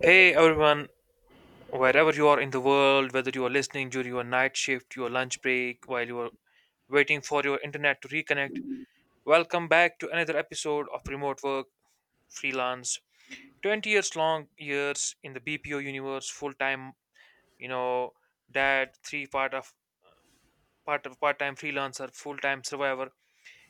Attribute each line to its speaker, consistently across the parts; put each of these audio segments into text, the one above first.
Speaker 1: Hey everyone, wherever you are in the world, whether you are listening during your night shift, your lunch break, while you are waiting for your internet to reconnect, welcome back to another episode of Remote Work Freelance. 20 years long years in the BPO universe, full time, you know, dad, three part time freelancer, full time survivor.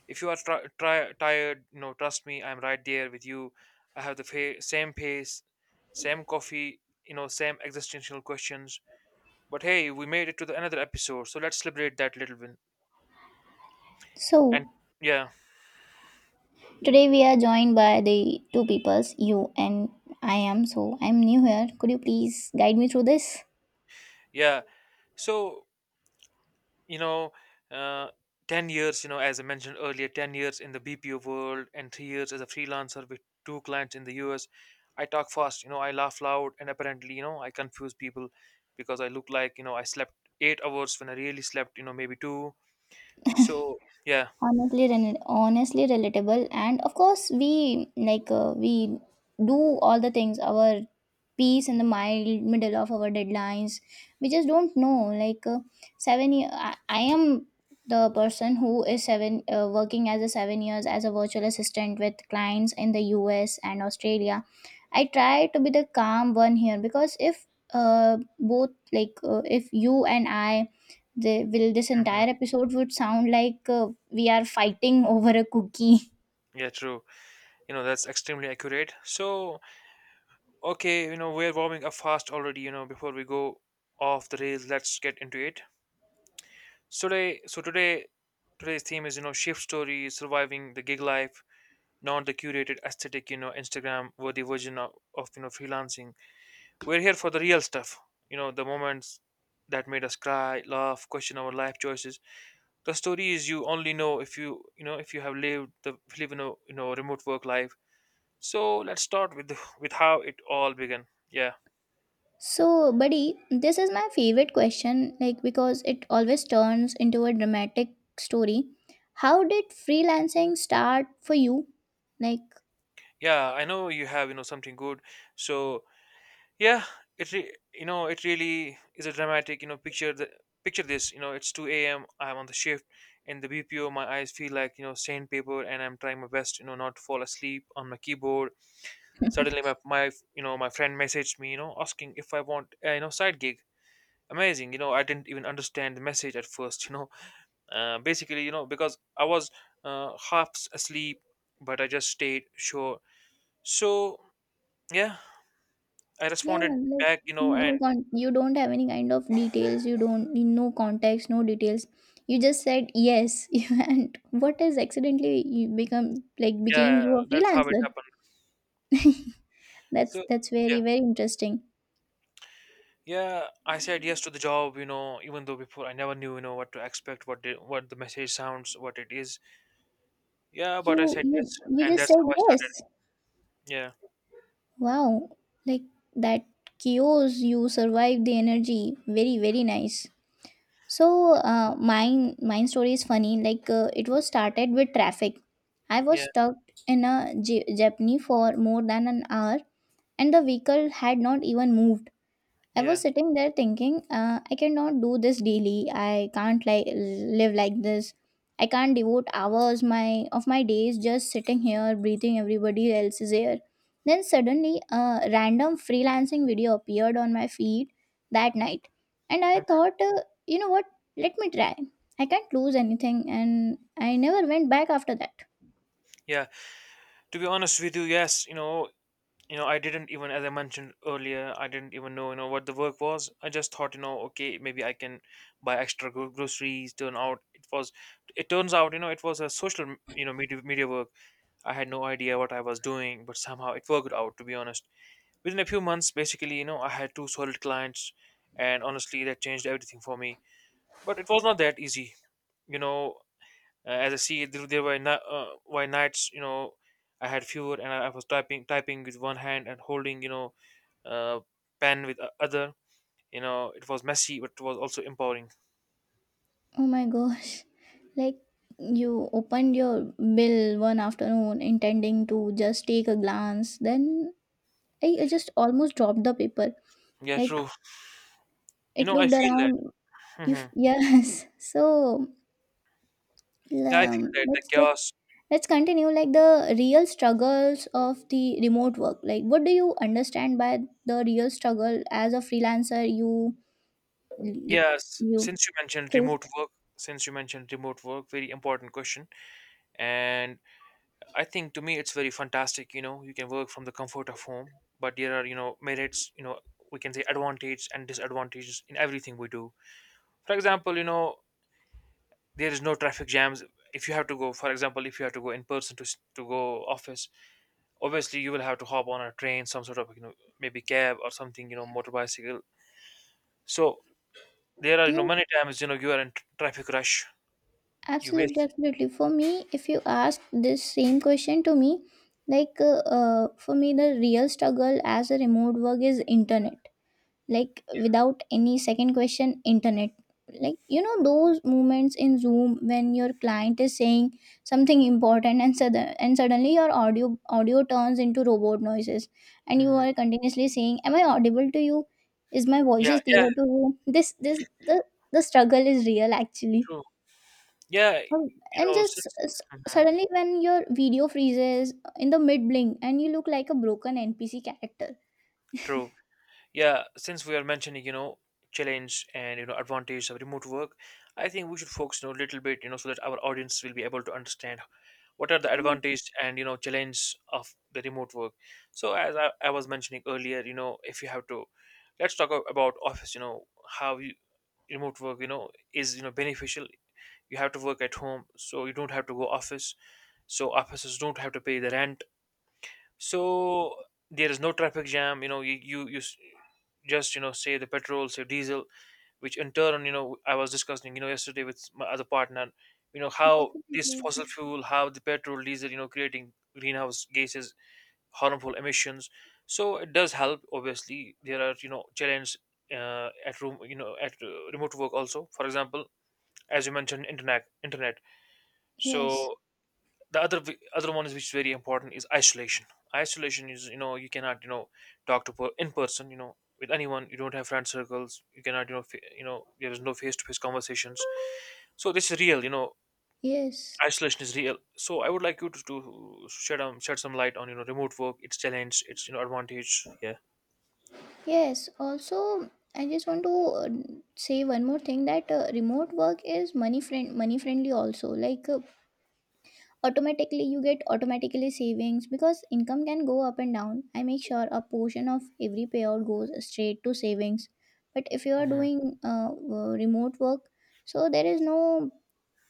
Speaker 1: If you are tired, trust me, I'm right there with you. I have the same pace, same coffee, same existential questions. But hey, we made it to the another episode, so let's celebrate that little win. And
Speaker 2: So
Speaker 1: yeah,
Speaker 2: today we are joined by the two peoples, you and I am. So I'm new here. Could you please guide me through this?
Speaker 1: yeah. So you know, uh, 10 years. As I mentioned earlier, 10 years in the BPO world and 3 years as a freelancer with two clients in the US. I talk fast. I laugh loud, and apparently, I confuse people because I look like I slept 8 hours when I really slept. Maybe two. So yeah,
Speaker 2: Honestly relatable, and of course we we do all the things our peace in the mild middle of our deadlines. We just don't know 7 year I am the person who is seven working as a 7 years as a virtual assistant with clients in the US and Australia. I try to be the calm one here because if both like if you and I, they will, this entire
Speaker 1: hmm,
Speaker 2: episode would sound like we are fighting over a cookie.
Speaker 1: yeah, true. That's extremely accurate. So okay, we're warming up fast already, before we go off the rails, let's get into it. So today's theme is, shift stories, surviving the gig life, not the curated aesthetic, Instagram worthy version of freelancing. We're here for the real stuff, the moments that made us cry, laugh, question our life choices. The stories you only know if if you have lived the live in a remote work life. So let's start with how it all began. Yeah.
Speaker 2: So, buddy, this is my favorite question, like because it always turns into a dramatic story. How did freelancing start for you? Like,
Speaker 1: Yeah, I know you have something good. So yeah, it really is a dramatic you know picture the picture this. It's 2 a.m. I'm on the shift in the BPO. My eyes feel like sandpaper, and I'm trying my best, not to fall asleep on my keyboard. Suddenly, my friend messaged me, asking if I want a, you know side gig. Amazing, I didn't even understand the message at first Basically, because I was, half asleep. But I just stayed sure. So yeah. I
Speaker 2: yeah,
Speaker 1: responded
Speaker 2: like
Speaker 1: back, and
Speaker 2: you don't have any kind of details, you don't no context, no details. You just said yes, and what is accidentally you become like became
Speaker 1: yeah,
Speaker 2: you a
Speaker 1: that's how it
Speaker 2: freelancer?
Speaker 1: happened.
Speaker 2: that's
Speaker 1: So
Speaker 2: that's
Speaker 1: yeah,
Speaker 2: very, very interesting.
Speaker 1: yeah, I said yes to the job, even though before I never knew, what to expect, what the message sounds, what it is. Yeah, but I
Speaker 2: You
Speaker 1: said
Speaker 2: you
Speaker 1: yes,
Speaker 2: you
Speaker 1: and
Speaker 2: just
Speaker 1: that's
Speaker 2: said
Speaker 1: how I started.
Speaker 2: yes.
Speaker 1: Yeah,
Speaker 2: Wow. Like that chaos, you survived the energy. Very, very nice. So mine mine story is funny. It was started with traffic. I was
Speaker 1: yeah,
Speaker 2: stuck in a jeepney for more than an hour and the vehicle had not even moved. I
Speaker 1: yeah,
Speaker 2: was sitting there thinking, I cannot do this daily. I can't like live like this. I can't devote hours my of my days just sitting here breathing everybody else's air. Then suddenly a random freelancing video appeared on my feed that night, and I
Speaker 1: mhm.
Speaker 2: thought, you know what? Let me try. I can't lose anything, and I never went back after that.
Speaker 1: Yeah. To be honest with you, yes. I didn't even, as I mentioned earlier, I didn't even know, what the work was. I just thought, okay, maybe I can buy extra groceries. Turn out it was, it turns out, it was a social, media work. I had no idea what I was doing, but somehow it worked out, to be honest. Within a few months, basically, I had two solid clients, and honestly, that changed everything for me. But it was not that easy, you know. As I see, there were were nights, I had fewer, and I was typing with one hand and holding, uh, pen with other. It was messy, but it was also empowering.
Speaker 2: Oh my gosh. Like you opened your bill one afternoon intending to just take a glance. Then I just almost dropped the paper.
Speaker 1: Yeah,
Speaker 2: Like
Speaker 1: true. You
Speaker 2: it
Speaker 1: know, I
Speaker 2: looked
Speaker 1: feel that.
Speaker 2: around.
Speaker 1: Hmm.
Speaker 2: Yes. So
Speaker 1: Yeah, I feel that the
Speaker 2: let's get
Speaker 1: chaos.
Speaker 2: let's continue like the real struggles of the remote work. Like what do you understand by the real struggle as a freelancer you like
Speaker 1: Yes,
Speaker 2: you
Speaker 1: since you mentioned remote
Speaker 2: faced?
Speaker 1: work, very important question. And I think to me it's very fantastic, you can work from the comfort of home, but there are, merits, we can say advantage and disadvantages in everything we do. For example, there is no traffic jams if you have to go, for example, if you have to go in person to go office. Obviously you will have to hop on a train, some sort of, maybe cab or something, motor bicycle. So there are, many times, you are in traffic rush, you
Speaker 2: Absolutely,
Speaker 1: miss.
Speaker 2: absolutely. For me, if you ask this same question to me, for me, the real struggle as a remote work is internet. Like without any second question, internet. Like you know those moments in Zoom when your client is saying something important and suddenly your audio turns into robot noises, and you
Speaker 1: Mhm.
Speaker 2: are continuously saying, "Am I audible to you? Is my voice
Speaker 1: Yeah,
Speaker 2: is
Speaker 1: yeah,
Speaker 2: clear to you?" This, the struggle is real actually.
Speaker 1: true. Yeah,
Speaker 2: um, and just
Speaker 1: since.
Speaker 2: s-
Speaker 1: Mhm.
Speaker 2: Suddenly when your video freezes in the mid blink and you look like a broken NPC character.
Speaker 1: True. Yeah, since we are mentioning, challenge and advantage of remote work, I think we should focus, a little bit, so that our audience will be able to understand what are the
Speaker 2: Yeah,
Speaker 1: advantage and challenge of the remote work. So as I was mentioning earlier, if you have to, let's talk about office. How you, remote work, is beneficial. You have to work at home, so you don't have to go office. So offices don't have to pay the rent. So there is no traffic jam. You know You just say the petrol, say diesel, which in turn, I was discussing, yesterday with my other partner, how this
Speaker 2: definitely.
Speaker 1: fossil fuel, how the petrol diesel, creating greenhouse gases, harmful emissions. So it does help. Obviously, there are, challenges, at room, at remote work also. For example, as you mentioned, internet.
Speaker 2: Yes,
Speaker 1: So the other one is, which is very important, is isolation is, you cannot, talk to in person, with anyone. You don't have friend circles. You cannot, there is no face to face conversations. So this is real, you know.
Speaker 2: yes.
Speaker 1: Isolation is real. So I would like you to shed shed some light on, remote work, its challenge, its, advantage. Yeah.
Speaker 2: Yes also, I just want to say one more thing, that remote work is money friendly also. Automatically you get automatically savings, because income can go up and down. I make sure a portion of every payout goes straight to savings. But if you are
Speaker 1: Hmm.
Speaker 2: doing remote work, so there is no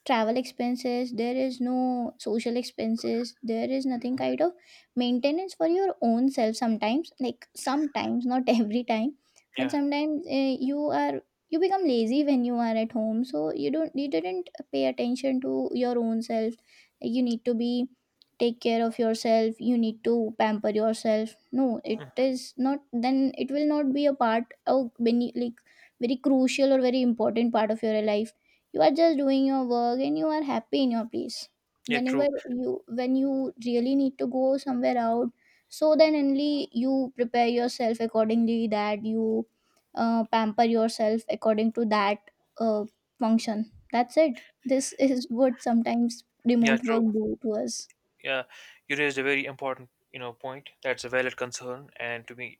Speaker 2: travel expenses, there is no social expenses, there is nothing kind of maintenance for your own self sometimes, like sometimes not every time. But
Speaker 1: Yeah.
Speaker 2: sometimes you are, you become lazy when you are at home, so you didn't pay attention to your own self. Like, you need to be take care of yourself, you need to pamper yourself. No, it
Speaker 1: Mhm.
Speaker 2: is not, then it will not be a part of when you, like, very crucial or very important part of your life. You are just doing your work and you are happy in your place.
Speaker 1: Yeah,
Speaker 2: Whenever
Speaker 1: true.
Speaker 2: you, when you really need to go somewhere out, so then only you prepare yourself accordingly, that you pamper yourself according to that uh, function, that's it. This is what sometimes
Speaker 1: Yeah,
Speaker 2: remote
Speaker 1: true.
Speaker 2: work do to us.
Speaker 1: Yeah. You raised a very important, point. That's a valid concern, and to be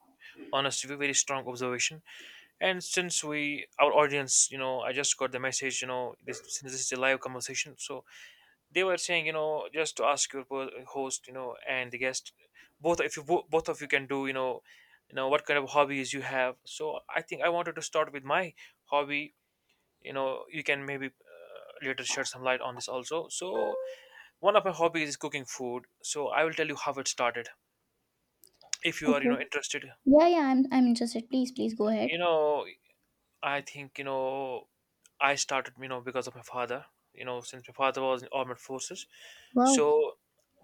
Speaker 1: honest with you, very strong observation. And since our audience, I just got the message, this since this is a live conversation, so they were saying, just to ask your host, and the guest, both if you both of you can do, what kind of hobbies you have. So I think I wanted to start with my hobby. You can maybe, later shed some light on this also. So one of my hobbies is cooking food. So I will tell you how it started. If you are,
Speaker 2: Okay.
Speaker 1: interested,
Speaker 2: Yeah, yeah, I'm interested, please, please go
Speaker 1: you
Speaker 2: ahead.
Speaker 1: know, I think, I started, because of my father. Since my father was in armed forces,
Speaker 2: Wow,
Speaker 1: so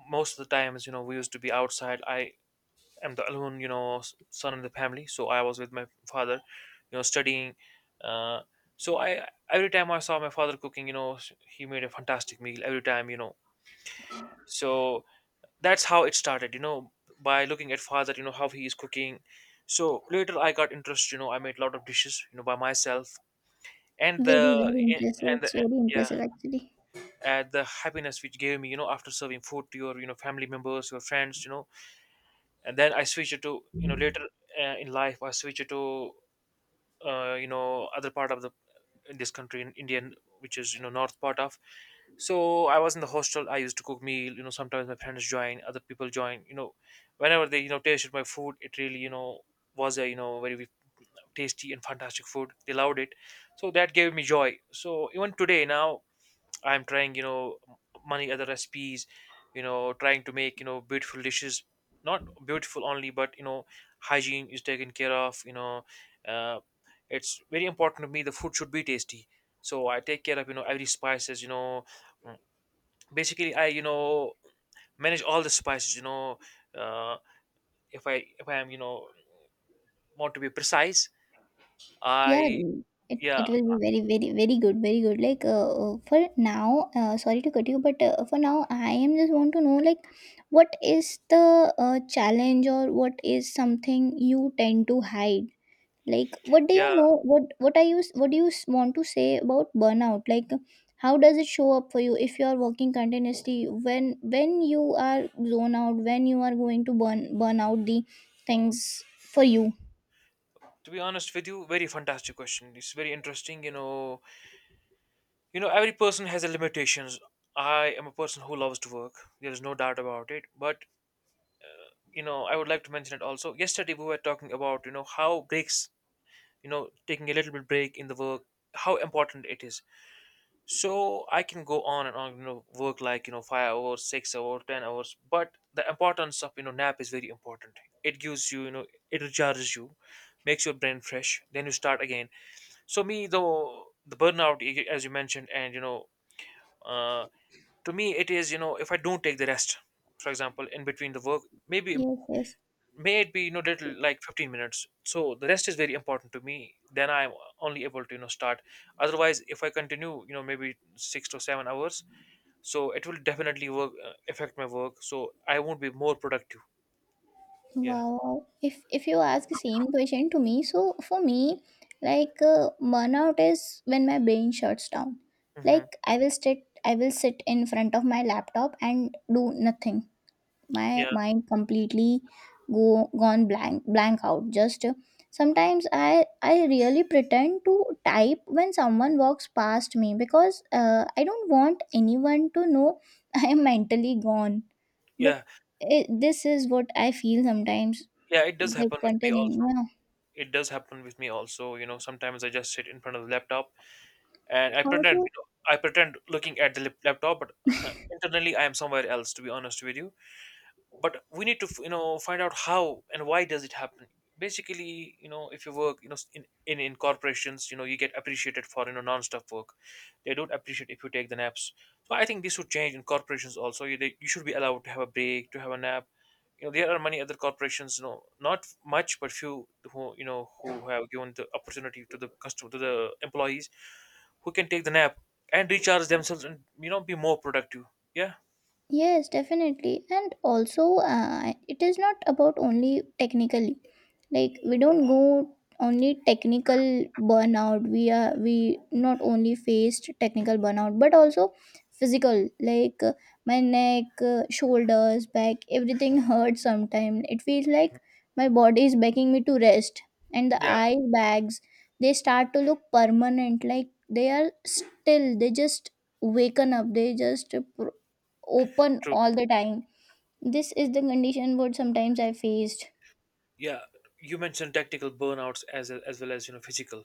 Speaker 1: most of the times, we used to be outside. I am the alone, son in the family, so I was with my father, studying. Uh, so I every time I saw my father cooking, he made a fantastic meal every time. So that's how it started. By looking at father, you know how he is cooking. So later I got interest. I made a lot of dishes, You know, by myself, and
Speaker 2: very, very impressive, it's very
Speaker 1: yeah,
Speaker 2: impressive actually.
Speaker 1: and the happiness which gave me, after serving food to your, family members, your friends, and then I switch it to, later, in life I switch it to, other part of the, in this country, in Indian, which is, north part of. So I was in the hostel. I used to cook meal, sometimes my friends join, other people join, whenever they, tasted my food. It really, was a, very tasty and fantastic food. They loved it. So that gave me joy. So even today now, I'm trying, many other recipes, trying to make, beautiful dishes. Not beautiful only, but, hygiene is taken care of. Uh, it's very important to me. The food should be tasty, so I take care of, every spices. Mm, basically, I manage all the spices. Uh, if I am, want to be precise,
Speaker 2: Yeah,
Speaker 1: I.
Speaker 2: n- it,
Speaker 1: Yeah.
Speaker 2: it will be very, very, very good, very good. Like, for now, sorry to cut you, but for now, I am just want to know, like, what is the challenge, or what is something you tend to hide? Like, what do you
Speaker 1: Yeah.
Speaker 2: know? What do you want to say about burnout? Like, how does it show up for you if you are working continuously? When you are zone out, when you are going to burn burn out the things for you?
Speaker 1: To be honest with you, very fantastic question. It's very interesting. Every person has their limitations. I am a person who loves to work. There is no doubt about it. But, I would like to mention it also. Yesterday we were talking about, how breaks, taking a little bit break in the work, how important it is. So I can go on and on, work like, 5 hours, 6 hours, 10 hours. But the importance of, nap is very important. It gives you, it recharges you, makes your brain fresh. Then you start again. So me, though, the burnout, as you mentioned, and, uh, to me it is, if I don't take the rest, for example, in between the work, maybe,
Speaker 2: Yes, yes.
Speaker 1: may it be, little, like 15 minutes. So the rest is very important to me. Then I'm only able to, start. Otherwise, if I continue, maybe 6 to 7 hours, so it will definitely work, affect my work, so I won't be more productive. Yeah.
Speaker 2: Wow, wow. If you ask the same question to me, so for me, burnout is when my brain shuts down.
Speaker 1: Hmm.
Speaker 2: Like I will sit in front of my laptop and do nothing. My
Speaker 1: Yeah.
Speaker 2: mind completely go gone blank out. Just sometimes I really pretend to type when someone walks past me because I don't want anyone to know I am mentally gone.
Speaker 1: Yeah.
Speaker 2: But it, this is what I feel sometimes
Speaker 1: Yeah. It does happen
Speaker 2: like
Speaker 1: with
Speaker 2: అంటే
Speaker 1: me
Speaker 2: నేను
Speaker 1: also.
Speaker 2: Yeah!
Speaker 1: It does happen with me also, sometimes I just sit in front of the laptop, and I pretend
Speaker 2: also
Speaker 1: you know, I pretend looking at the laptop, but internally I am somewhere else. To be honest with you, but we need to find out how and why does it happen. Basically, if you work, in corporations, you get appreciated for, non-stop work. They don't appreciate if you take the naps. So I think this should change in corporations also. You should be allowed to have a break, to have a nap. There are many other corporations, not much, but few who, who have given the opportunity to the customer, to the employees, who can take the nap and recharge themselves, and, be more productive. Yeah.
Speaker 2: Yes, definitely. And also, it is not about only technically. Like we don't go only technical burnout. We are we not only faced technical burnout, but also physical. Like my neck, shoulders, back, everything hurts sometimes. It feels like my body is begging me to rest. And the
Speaker 1: Yeah,
Speaker 2: eye bags, they start to look permanent. Like they are still. They just waken up. They just open
Speaker 1: true.
Speaker 2: all the time. This is the condition what sometimes I faced.
Speaker 1: Yeah. You mentioned technical burnouts, as well as, physical.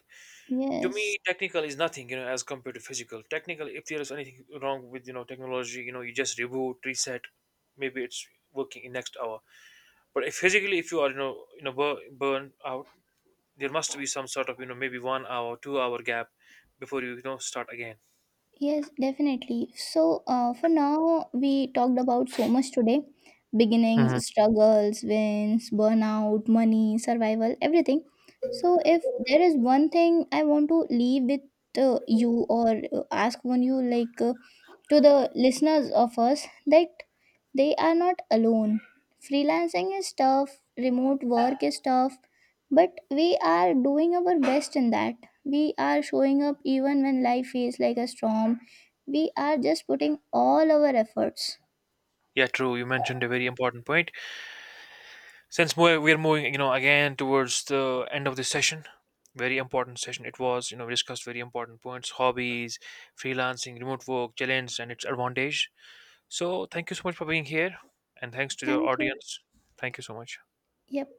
Speaker 1: To
Speaker 2: Yes,
Speaker 1: me, technical is nothing, as compared to physical. Technical, if there is anything wrong with, technology, you just reboot, reset. Maybe it's working in next hour. But if physically, if you are, burn out, there must be some sort of, maybe 1 hour 2 hour gap before you, you know start again.
Speaker 2: yes, definitely. So, for now, we talked about so much today: beginnings,
Speaker 1: Hmm.
Speaker 2: struggles, wins, burnout, money, survival, everything. So, if there is one thing I want to leave with you or ask one you, like, to the listeners of us, that they are not alone. Freelancing is tough, remote work is tough, but we are doing our best in that. We are showing up even when life feels like a storm. We are just putting all our efforts.
Speaker 1: Yeah, true. You mentioned a very important point. Since we're moving, again towards the end of this session, very important session. It was, we discussed very important points: hobbies, freelancing, remote work, challenge, and its advantage. So thank you so much for being here, and thanks to the
Speaker 2: Thank you.
Speaker 1: audience. Thank you so much.
Speaker 2: Yep.